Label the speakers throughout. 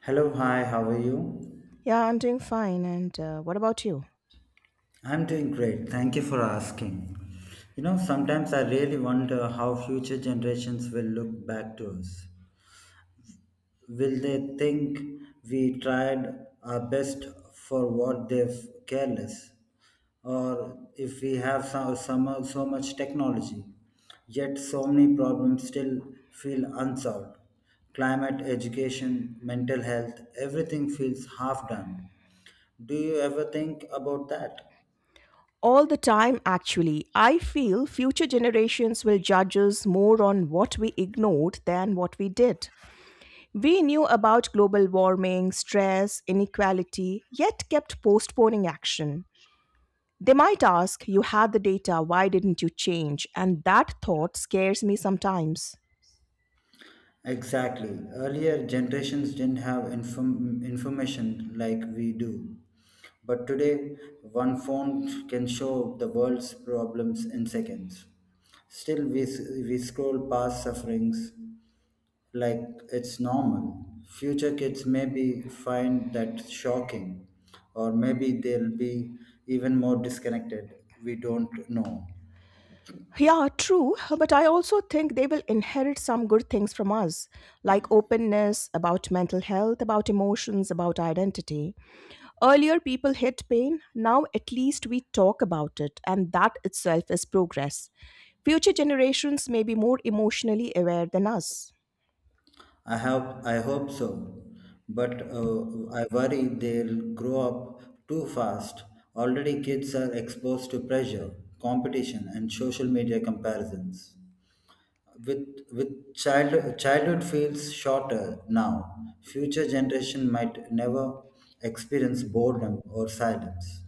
Speaker 1: Hello, hi, how are you?
Speaker 2: Yeah, I'm doing fine. And What about you?
Speaker 1: I'm doing great. Thank you for asking. Sometimes I really wonder how future generations will look back to us. Will they think we tried our best for what they've careless? Or if we have so, so, so much technology, yet so many problems still feel unsolved? Climate, education, mental health, everything feels half done. Do you ever think about that?
Speaker 2: All the time, actually. I feel future generations will judge us more on what we ignored than what we did. We knew about global warming, stress, inequality, yet kept postponing action. They might ask, "You had the data, why didn't you change?" And that thought scares me sometimes.
Speaker 1: Exactly. Earlier generations didn't have information like we do. But today, one phone can show the world's problems in seconds. Still, we scroll past sufferings like it's normal. Future kids maybe find that shocking, or maybe they'll be even more disconnected. We don't know.
Speaker 2: Yeah, true. But I also think they will inherit some good things from us, like openness about mental health, about emotions, about identity. Earlier, people hid pain. Now, at least we talk about it, and that itself is progress. Future generations may be more emotionally aware than us.
Speaker 1: I hope so, but I worry they'll grow up too fast. Already, kids are exposed to pressure, competition, and social media comparisons. Childhood feels shorter now. Future generation might never experience boredom or silence.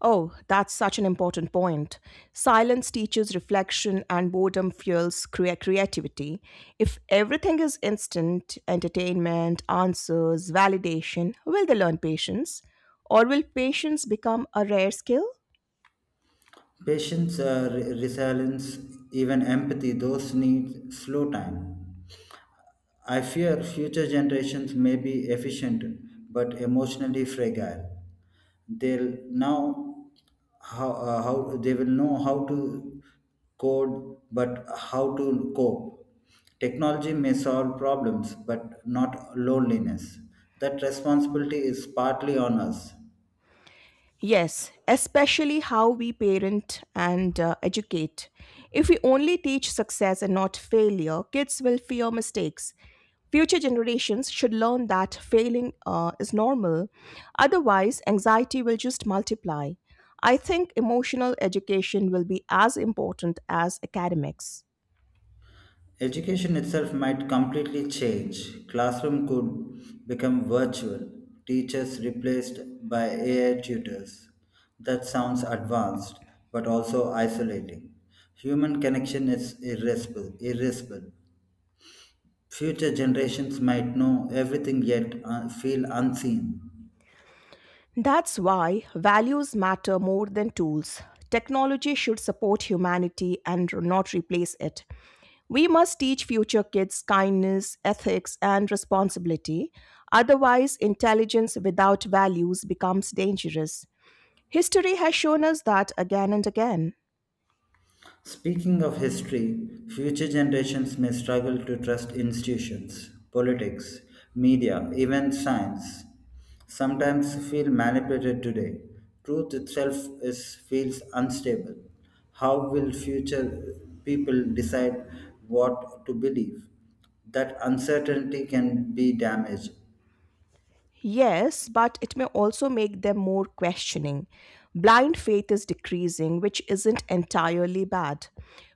Speaker 2: Oh, that's such an important point. Silence teaches reflection and boredom fuels creativity. If everything is instant, entertainment, answers, validation, will they learn patience? Or will patience become a rare skill?
Speaker 1: Patience, resilience, even empathy, those need slow time. I fear future generations may be efficient but emotionally fragile. They'll now how they will know how to code but how to cope. Technology may solve problems but not loneliness. That responsibility is partly on us.
Speaker 2: Yes, especially how we parent and educate. If we only teach success and not failure, kids will fear mistakes. Future generations should learn that failing is normal, otherwise, anxiety will just multiply. I think emotional education will be as important as academics.
Speaker 1: Education itself might completely change. Classroom could become virtual, teachers replaced by AI tutors. That sounds advanced, but also isolating. Human connection is irreplaceable. Future generations might know everything yet feel unseen.
Speaker 2: That's why values matter more than tools. Technology should support humanity and not replace it. We must teach future kids kindness, ethics, and responsibility. Otherwise, intelligence without values becomes dangerous. History has shown us that again and again.
Speaker 1: Speaking of history, future generations may struggle to trust institutions, politics, media, even science. Sometimes feel manipulated today. Truth itself is feels unstable. How will future people decide what to believe? That uncertainty can be damaged.
Speaker 2: Yes, but it may also make them more questioning. Blind faith is decreasing, which isn't entirely bad.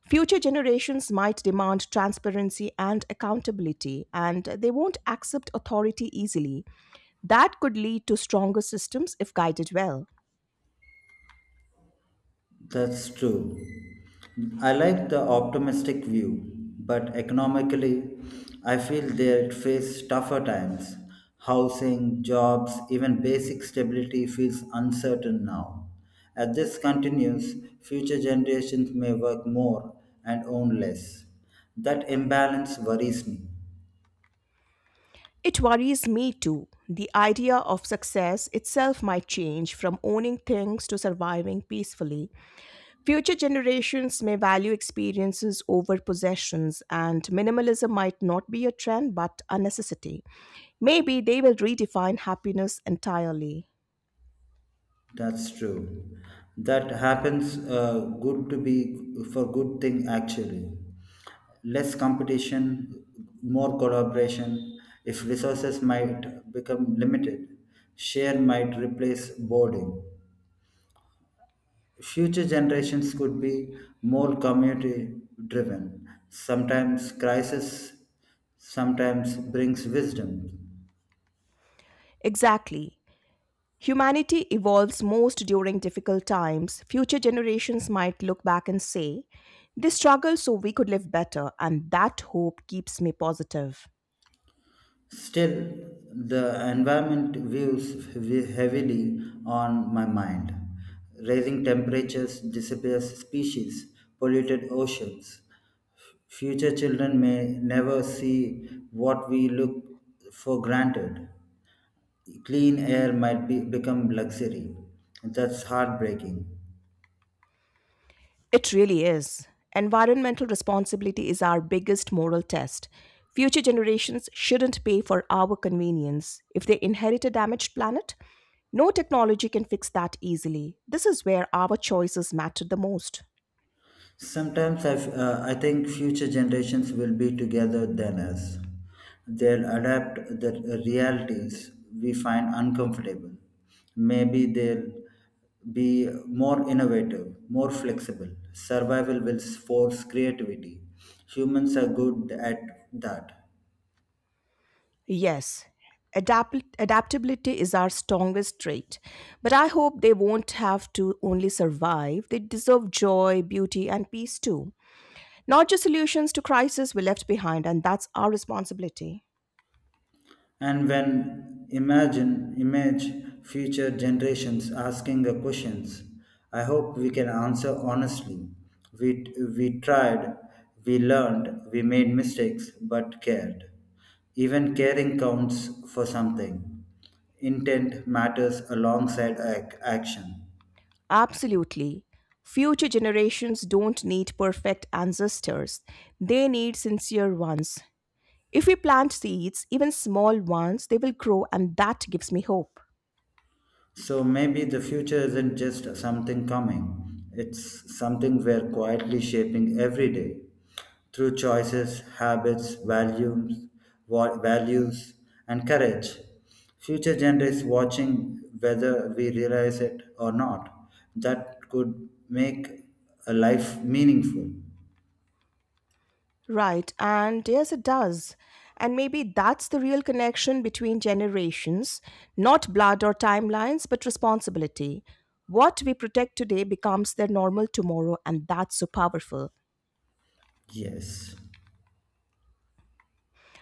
Speaker 2: Future generations might demand transparency and accountability, and they won't accept authority easily. That could lead to stronger systems if guided well.
Speaker 1: That's true. I like the optimistic view, but economically, I feel they face tougher times. Housing, jobs, even basic stability feels uncertain now. As this continues, future generations may work more and own less. That imbalance worries me.
Speaker 2: It worries me too. The idea of success itself might change from owning things to surviving peacefully. Future generations may value experiences over possessions, and minimalism might not be a trend but a necessity. Maybe they will redefine happiness entirely.
Speaker 1: That's true. That happens good to be for good thing actually. Less competition, more collaboration. If resources might become limited, share might replace boarding. Future generations could be more community driven. Sometimes crisis sometimes brings wisdom.
Speaker 2: Exactly. Humanity evolves most during difficult times. Future generations might look back and say, they struggled so we could live better, and that hope keeps me positive.
Speaker 1: Still, the environment views heavily on my mind. Rising temperatures, disappears species, polluted oceans. Future children may never see what we look for granted. Clean air might become luxury. That's heartbreaking.
Speaker 2: It really is. Environmental responsibility is our biggest moral test. Future generations shouldn't pay for our convenience. If they inherit a damaged planet, no technology can fix that easily. This is where our choices matter the most.
Speaker 1: Sometimes I think future generations will be together than us. They'll adapt the realities we find uncomfortable. Maybe they'll be more innovative, more flexible. Survival will force creativity. Humans are good at that.
Speaker 2: Yes, adaptability is our strongest trait. But I hope they won't have to only survive, they deserve joy, beauty, and peace too. Not just solutions to crisis we left behind, and that's our responsibility.
Speaker 1: And when imagine image future generations asking the questions, I hope we can answer honestly. We we tried, we learned, we made mistakes but cared. Even caring counts for something. Intent matters alongside action.
Speaker 2: Absolutely. Future generations don't need perfect ancestors, they need sincere ones. If we plant seeds, even small ones, they will grow, and that gives me hope.
Speaker 1: So maybe the future isn't just something coming, it's something we're quietly shaping every day through choices, habits, values, values and courage. Future generations watching, whether we realize it or not, that could make a life meaningful.
Speaker 2: Right, and yes, it does. And maybe that's the real connection between generations, not blood or timelines, but responsibility. What we protect today becomes their normal tomorrow, and that's so powerful.
Speaker 1: Yes.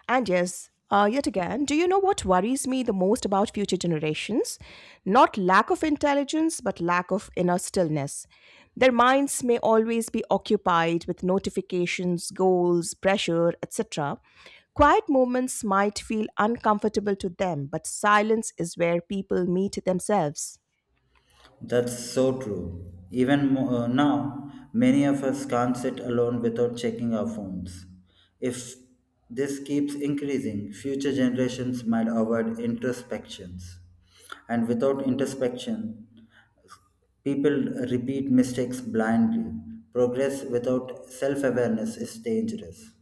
Speaker 2: And yes, yet again, do you know what worries me the most about future generations? Not lack of intelligence, but lack of inner stillness. Their minds may always be occupied with notifications, goals, pressure, etc. Quiet moments might feel uncomfortable to them, but silence is where people meet themselves.
Speaker 1: That's so true. Even now, many of us can't sit alone without checking our phones. If this keeps increasing, future generations might avoid introspections. And without introspection, people repeat mistakes blindly. Progress without self awareness is dangerous.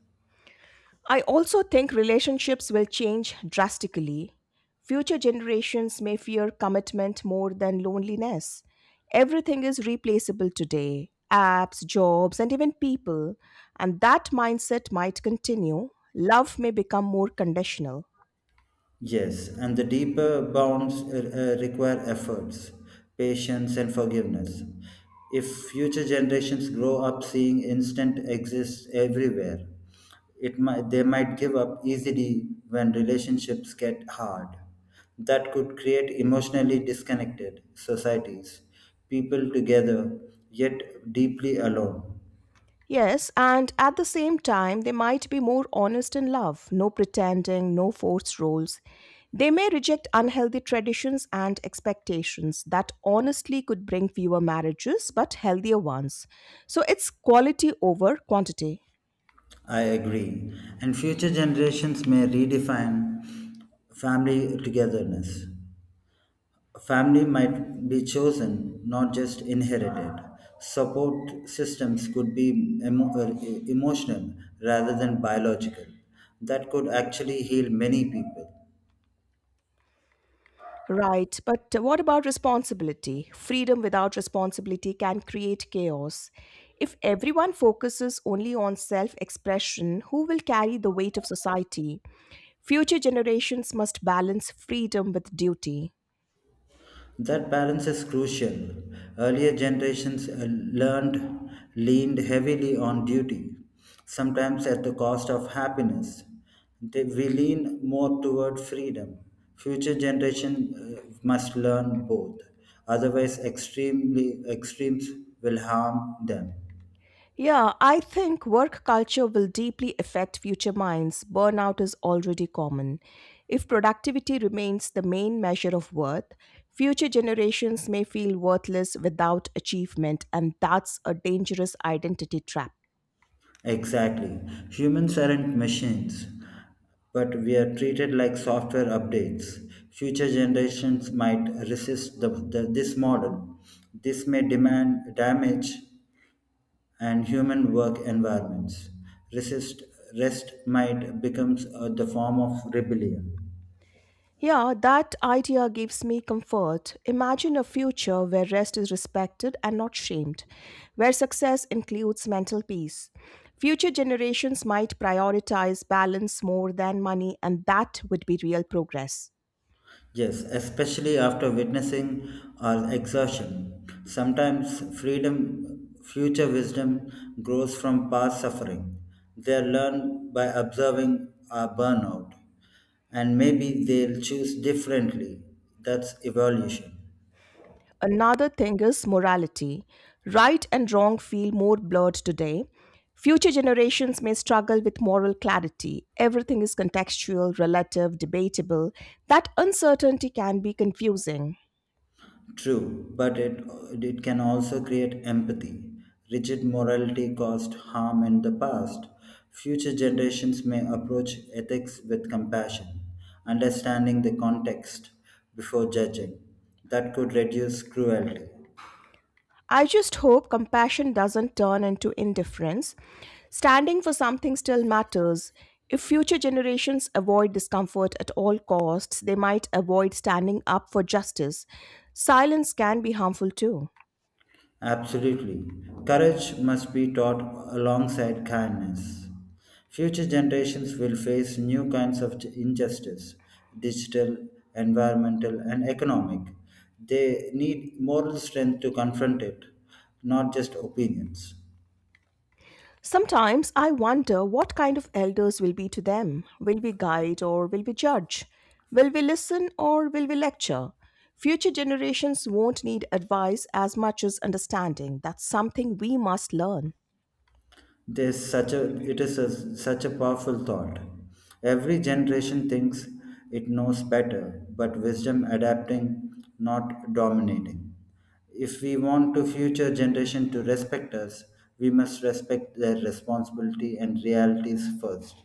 Speaker 2: I also think relationships will change drastically. Future generations may fear commitment more than loneliness. Everything is replaceable today, apps, jobs, and even people. And that mindset might continue. Love may become more conditional.
Speaker 1: Yes, and the deeper bonds require efforts, patience, and forgiveness. If future generations grow up seeing instant exists everywhere, they might give up easily when relationships get hard. That could create emotionally disconnected societies, people together yet deeply alone.
Speaker 2: Yes, and at the same time, they might be more honest in love, no pretending, no forced roles. They may reject unhealthy traditions and expectations that honestly could bring fewer marriages but healthier ones. So it's quality over quantity.
Speaker 1: I agree. And future generations may redefine family togetherness. A family might be chosen, not just inherited. Support systems could be emotional rather than biological. That could actually heal many people.
Speaker 2: Right, but what about responsibility? Freedom without responsibility can create chaos. If everyone focuses only on self expression, who will carry the weight of society? Future generations must balance freedom with duty.
Speaker 1: That balance is crucial. Earlier generations learned leaned heavily on duty, sometimes at the cost of happiness. We lean more toward freedom. Future generation must learn both. Otherwise, extremely extremes will harm them.
Speaker 2: Yeah, I think work culture will deeply affect future minds. Burnout is already common. If productivity remains the main measure of worth, future generations may feel worthless without achievement, and that's a dangerous identity trap.
Speaker 1: Exactly. Humans aren't machines, but we are treated like software updates. Future generations might resist this model. This may demand damage and human work environments. Resist, rest might become the form of rebellion.
Speaker 2: Yeah, that idea gives me comfort. Imagine a future where rest is respected and not shamed, where success includes mental peace. Future generations might prioritize balance more than money, and that would be real progress.
Speaker 1: Yes, especially after witnessing our exertion. Sometimes freedom, future wisdom grows from past suffering. They are learned by observing our burnout, and maybe they'll choose differently. That's evolution.
Speaker 2: Another thing is morality. Right and wrong feel more blurred today. Future generations may struggle with moral clarity. Everything is contextual, relative, debatable. That uncertainty can be confusing.
Speaker 1: True, but it can also create empathy. Rigid morality caused harm in the past. Future generations may approach ethics with compassion, understanding the context before judging. That could reduce cruelty.
Speaker 2: I just hope compassion doesn't turn into indifference. Standing for something still matters. If future generations avoid discomfort at all costs, they might avoid standing up for justice. Silence can be harmful too.
Speaker 1: Absolutely. Courage must be taught alongside kindness. Future generations will face new kinds of injustice digital, environmental, and economic. They need moral strength to confront it, not just opinions.
Speaker 2: Sometimes I wonder what kind of elders will be to them. Will we guide or will we judge? Will we listen or will we lecture? Future generations won't need advice as much as understanding. That's something we must learn.
Speaker 1: There's such a it is a, such a powerful thought. Every generation thinks it knows better, but wisdom adapting, not dominating. If we want to future generation to respect us, we must respect their responsibility and realities first.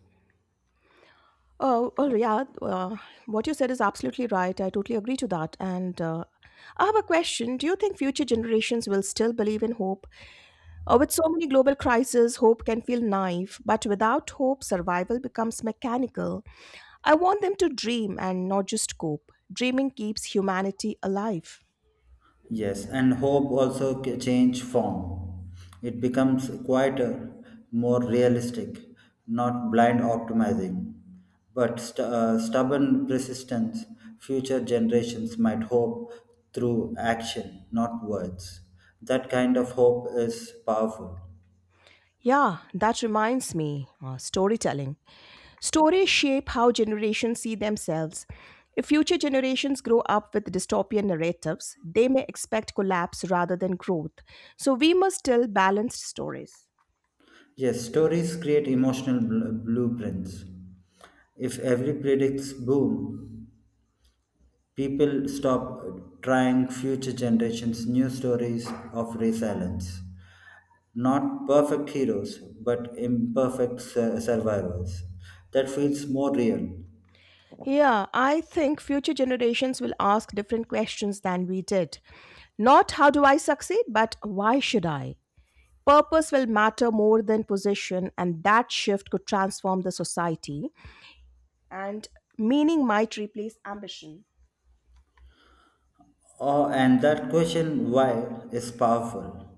Speaker 2: Oh, well, yeah, what you said is absolutely right. I totally agree to that. And I have a question. Do you think future generations will still believe in hope? With so many global crises, hope can feel naive, but without hope, survival becomes mechanical. I want them to dream and not just cope. Dreaming keeps humanity alive.
Speaker 1: Yes, and hope also change form. It becomes quite a more realistic, not blind optimizing, but stubborn persistence. Future generations might hope through action, not words. That kind of hope is powerful.
Speaker 2: Yeah, that reminds me, storytelling. Stories shape how generations see themselves. If future generations grow up with dystopian narratives, they may expect collapse rather than growth. So we must tell balanced stories.
Speaker 1: Yes, stories create emotional blueprints. If every predicts boom, people stop trying future generations' new stories of resilience. Not perfect heroes, but imperfect survivors. That feels more real.
Speaker 2: Yeah, I think future generations will ask different questions than we did. Not "how do I succeed," but "why should I?" Purpose will matter more than position, and that shift could transform the society, and meaning might replace ambition.
Speaker 1: Oh, and that question, why, is powerful.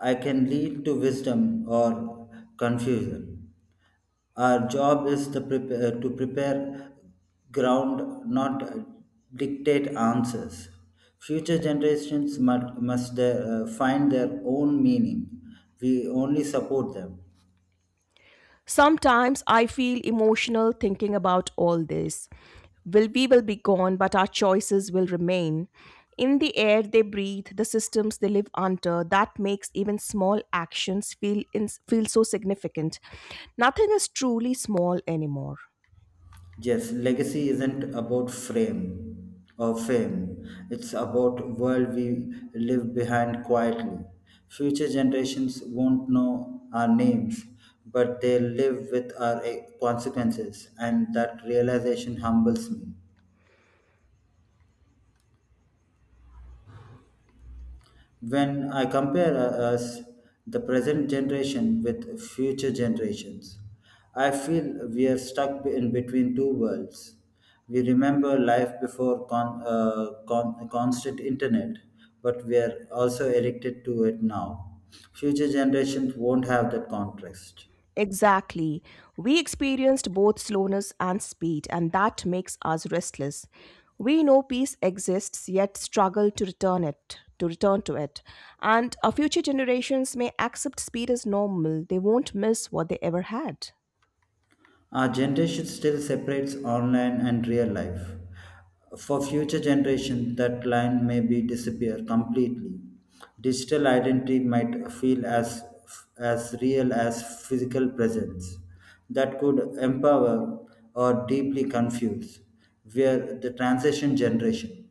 Speaker 1: I can lead to wisdom or confusion. Our job is to prepare ground, not dictate answers. Future generations must find their own meaning. We only support them.
Speaker 2: Sometimes I feel emotional thinking about all this. Will be gone, but our choices will remain. In the air they breathe, the systems they live under, that makes even small actions feel so significant. Nothing is truly small anymore.
Speaker 1: Yes, legacy isn't about frame or fame. It's about world we live behind quietly. Future generations won't know our names, but they live with our consequences, and that realization humbles me. When I compare us, the present generation with future generations, I feel we are stuck in between two worlds. We remember life before constant internet, but we are also addicted to it now. Future generations won't have that contrast.
Speaker 2: Exactly. We experienced both slowness and speed, and that makes us restless. We know peace exists, yet struggle to return to it. And our future generations may accept speed as normal. They won't miss what they ever had.
Speaker 1: Our generation still separates online and real life. For future generations, that line may be disappear completely. Digital identity might feel as real as physical presence. That could empower or deeply confuse. We are the transition generation.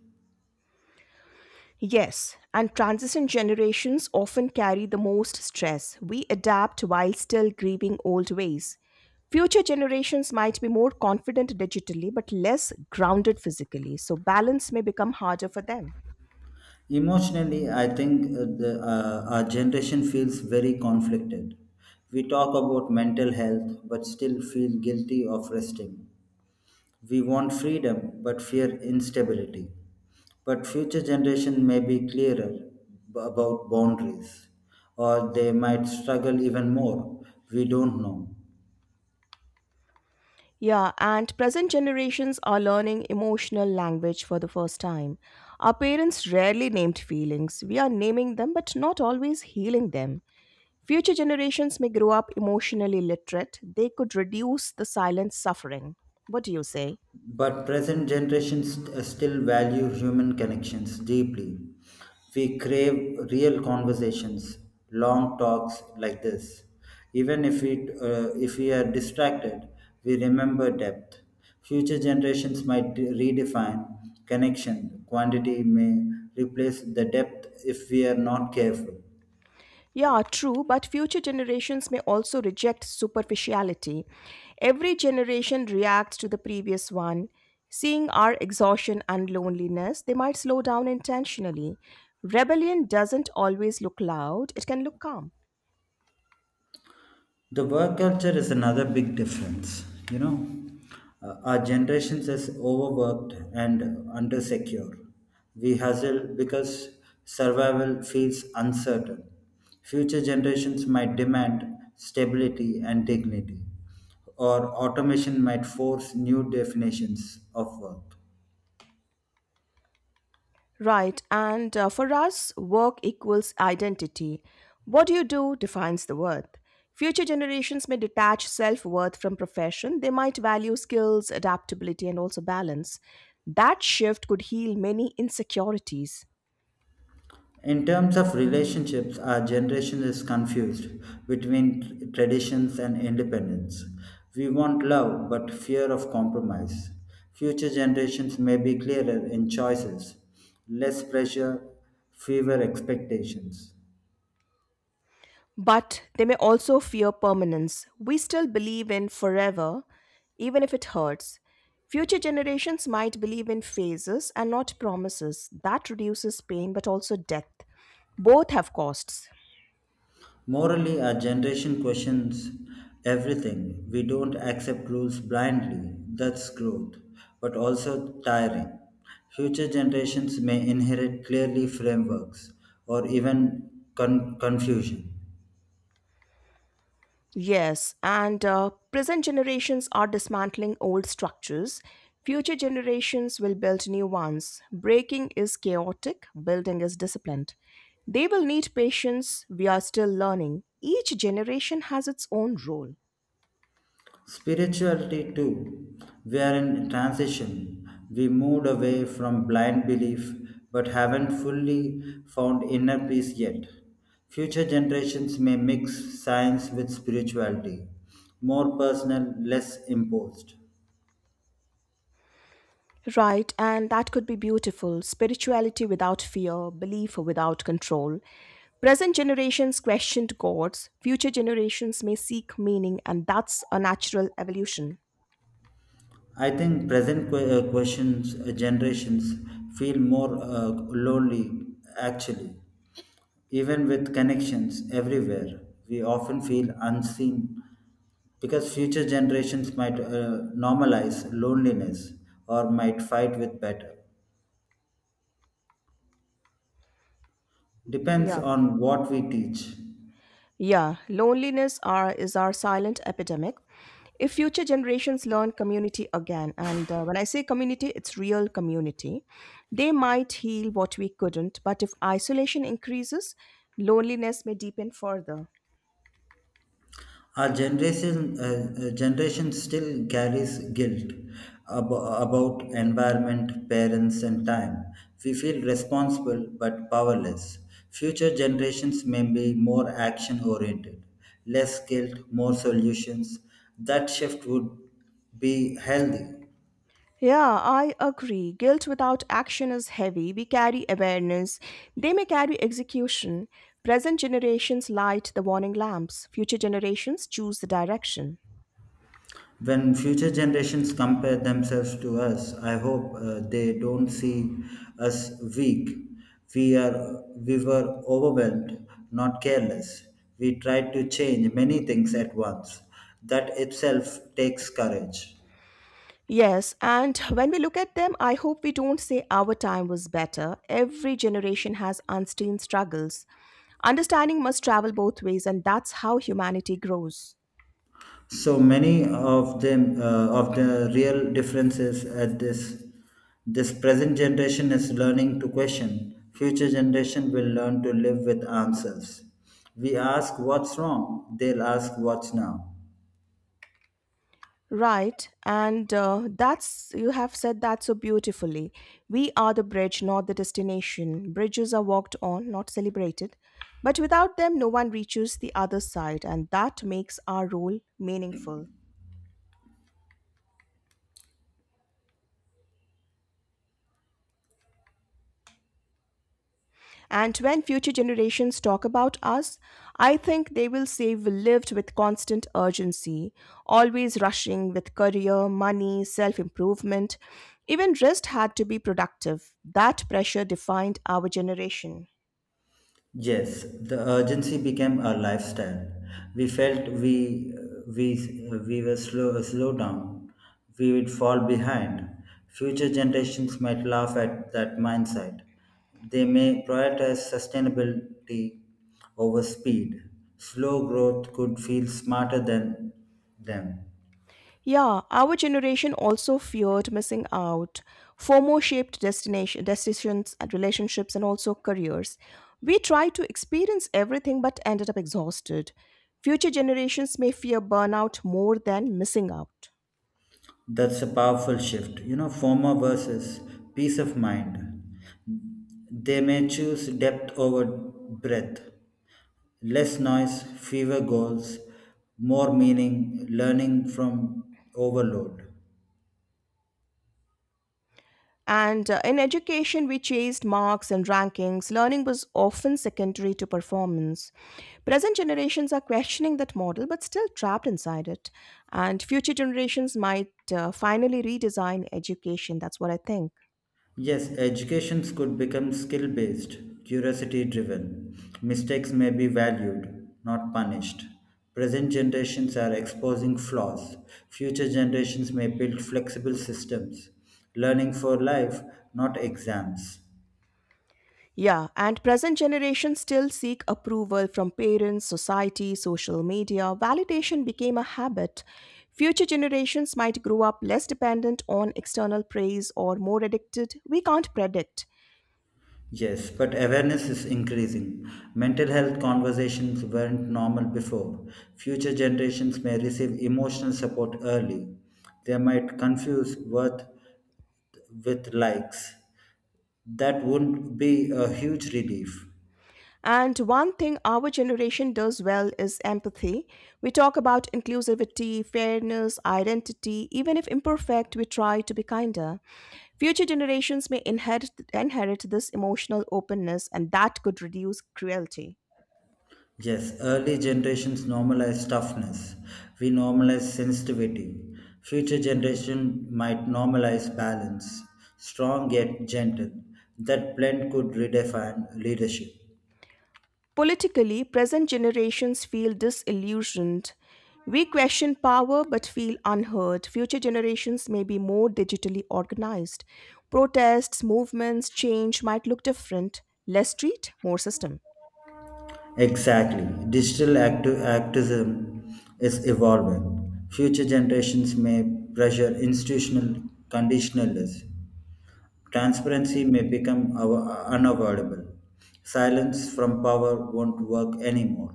Speaker 2: Yes, and transition generations often carry the most stress. We adapt while still grieving old ways. Future generations might be more confident digitally but less grounded physically, so balance may become harder for them.
Speaker 1: Emotionally, I think our generation feels very conflicted. We talk about mental health but still feel guilty of resting. We want freedom but fear instability. But future generation may be clearer about boundaries or they might struggle even more. We don't know.
Speaker 2: Yeah, and present generations are learning emotional language for the first time. Our parents rarely named feelings. We are naming them, but not always healing them. Future generations may grow up emotionally literate. They could reduce the silent suffering. What do you say?
Speaker 1: But present generations still value human connections deeply. We crave real conversations, long talks like this. Even if we are distracted, we remember depth. Future generations might redefine connection. Quantity may replace the depth if we are not careful.
Speaker 2: Yeah, true, but future generations may also reject superficiality. Every generation reacts to the previous one. Seeing our exhaustion and loneliness, they might slow down intentionally. Rebellion doesn't always look loud, it can look calm.
Speaker 1: The work culture is another big difference you know our generations is overworked and undersecure. We hustle because survival feels uncertain. Future generations might demand stability and dignity, or automation might force new definitions of work.
Speaker 2: Right, and for us, work equals identity. What you do defines the worth. Future generations may detach self worth from profession, they might value skills, adaptability, and also balance. That shift could heal many insecurities,
Speaker 1: In terms of relationships, our generation is confused between traditions and independence. We want love but fear of compromise. Future generations may be clearer in choices, less pressure, fewer expectations.
Speaker 2: but they may also fear permanence. We still believe in forever, even if it hurts. Future generations might believe in phases and not promises. That reduces pain but also death. Both have costs.
Speaker 1: Morally, our generation questions everything. We don't accept rules blindly. That's growth, but also tiring. Future generations may inherit clearly frameworks or even confusion.
Speaker 2: Yes, and present generations are dismantling old structures. Future generations will build new ones. Breaking is chaotic, building is disciplined. They will need patience. We are still learning. Each generation has its own role.
Speaker 1: Spirituality, too. We are in transition. We moved away from blind belief but haven't fully found inner peace yet. Future generations may mix science with spirituality, more personal, less imposed.
Speaker 2: Right, and that could be beautiful. Spirituality without fear, belief without control. Present generations questioned gods, future generations may seek meaning, and that's a natural evolution.
Speaker 1: I think present que- questions generations feel more lonely actually. Even with connections everywhere, we often feel unseen because future generations might normalize loneliness or might fight with better. Depends
Speaker 2: Yeah.
Speaker 1: on what we teach.
Speaker 2: Yeah, is our silent epidemic. If future generations learn community again, and when I say community, it's real community, they might heal what we couldn't. But if isolation increases, loneliness may deepen further.
Speaker 1: Our generation still carries guilt about environment, parents, and time. We feel responsible but powerless. Future generations may be more action oriented, less guilt, more solutions. That shift would be healthy.
Speaker 2: Yeah, I agree. Guilt without action is heavy. We carry awareness. They may carry execution. Present generations light the warning lamps. Future generations choose the direction.
Speaker 1: When future generations compare themselves to us, I hope they don't see us weak. We were overwhelmed, not careless. We tried to change many things at once. That itself takes courage.
Speaker 2: Yes, and when we look at them, I hope we don't say our time was better. Every generation has unseen struggles. Understanding must travel both ways, and that's how humanity grows.
Speaker 1: So many of the real differences at this present generation is learning to question. Future generation will learn to live with answers. We ask what's wrong, they'll ask what's now.
Speaker 2: Right, and that's, you have said that so beautifully. We are the bridge, not the destination. Bridges are walked on, not celebrated. But without them, no one reaches the other side, and that makes our role meaningful. And when future generations talk about us, I think they will say we lived with constant urgency, always rushing with career, money, self improvement. Even rest had to be productive. That pressure defined our generation.
Speaker 1: Yes, the urgency became a lifestyle. We felt we we were slow down. We would fall behind. Future generations might laugh at that mindset. They may prioritize sustainability over speed. Slow growth could feel smarter than them.
Speaker 2: Yeah, our generation also feared missing out. FOMO shaped destination, decisions, and relationships, and also careers. We tried to experience everything but ended up exhausted. Future generations may fear burnout more than missing out.
Speaker 1: That's a powerful shift. Former versus peace of mind. They may choose depth over breadth. Less noise, fewer goals, more meaning, learning from overload.
Speaker 2: And in education, we chased marks and rankings. Learning was often secondary to performance. Present generations are questioning that model but still trapped inside it. And future generations might finally redesign education. That's what I think.
Speaker 1: Yes, educations could become skill based, curiosity driven. Mistakes may be valued, not punished. Present generations are exposing flaws. Future generations may build flexible systems. Learning for life, not exams.
Speaker 2: Yeah, and present generations still seek approval from parents, society, social media. Validation became a habit. Future generations might grow up less dependent on external praise or more addicted. We can't predict.
Speaker 1: Yes, but awareness is increasing. Mental health conversations weren't normal before. Future generations may receive emotional support early. They might confuse worth with likes. That would be a huge relief.
Speaker 2: And one thing our generation does well is empathy. We talk about inclusivity, fairness, identity. Even if imperfect, we try to be kinder. Future generations may inherit this emotional openness, and that could reduce cruelty.
Speaker 1: Yes, early generations normalize toughness. We normalize sensitivity. Future generation might normalize balance, strong yet gentle. That blend could redefine leadership.
Speaker 2: Politically, present generations feel disillusioned. We question power but feel unheard. Future generations may be more digitally organized. Protests, movements, change might look different. Less street, more system.
Speaker 1: Exactly. Digital activism is evolving. Future generations may pressure institutional conditionalists. Transparency may become unavoidable. Silence from power won't work anymore.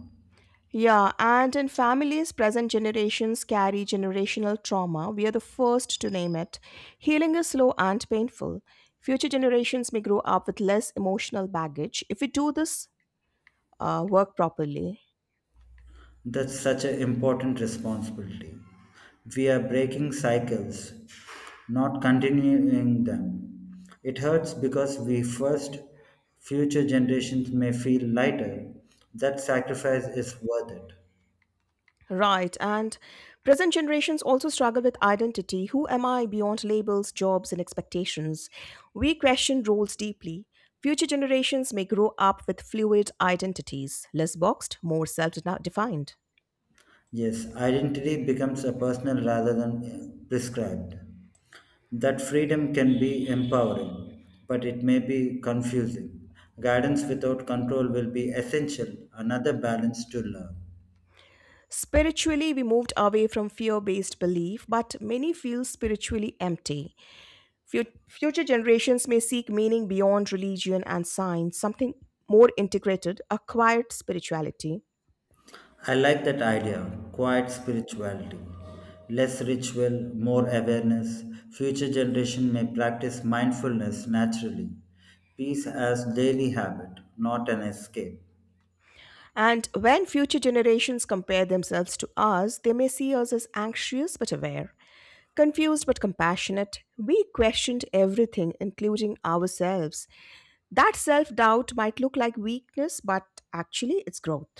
Speaker 2: Yeah, and in families, present generations carry generational trauma. We are the first to name it. Healing is slow and painful. Future generations may grow up with less emotional baggage if we do this work properly.
Speaker 1: That's such an important responsibility. We are breaking cycles not continuing them. It hurts because we first future generations may feel lighter. That sacrifice is worth it.
Speaker 2: Right, and present generations also struggle with identity. Who am I beyond labels, jobs, and expectations? We question roles deeply. Future generations may grow up with fluid identities, less boxed, more self defined.
Speaker 1: Yes, identity becomes a personal rather than prescribed. That freedom can be empowering, but it may be confusing. Guidance without control will be essential, another balance to love.
Speaker 2: Spiritually, we moved away from fear based belief, but many feel spiritually empty. Future generations may seek meaning beyond religion and science, something more integrated, acquired spirituality.
Speaker 1: I like that idea. Quiet spirituality. Less ritual, more awareness. Future generation may practice mindfulness naturally. Peace as daily habit, not an escape.
Speaker 2: And when future generations compare themselves to us, they may see us as anxious but aware, confused but compassionate. We questioned everything, including ourselves. That self doubt might look like weakness, but actually, it's growth.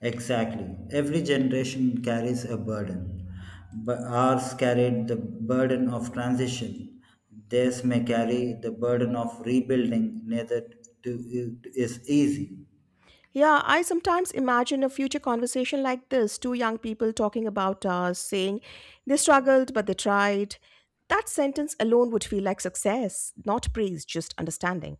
Speaker 1: Exactly. Every generation carries a burden. But ours carried the burden of transition. Theirs may carry the burden of rebuilding. Neither is easy.
Speaker 2: Yeah, I sometimes imagine a future conversation like this, two young people talking about us, saying they struggled but they tried. That sentence alone would feel like success, not praise, just understanding.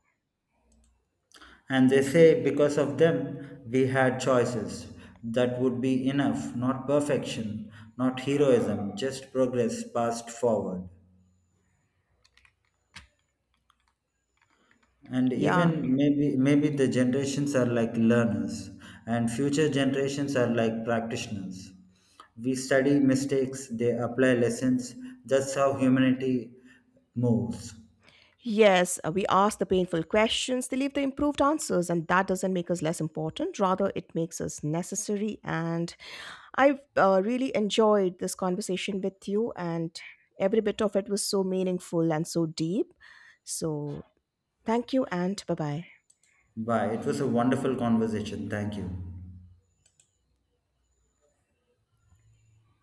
Speaker 1: And they say because of them we had choices. That would be enough, not perfection, not heroism, just progress passed forward. And
Speaker 2: Yeah.
Speaker 1: even maybe the generations are like learners and future generations are like practitioners. We study mistakes, they apply lessons. That's how humanity moves.
Speaker 2: Yes, we ask the painful questions, they leave the improved answers, and that doesn't make us less important. Rather, it makes us necessary. And I've really enjoyed this conversation with you, and every bit of it was so meaningful and so deep. So, thank you, and bye bye.
Speaker 1: Bye. It was a wonderful conversation. Thank you.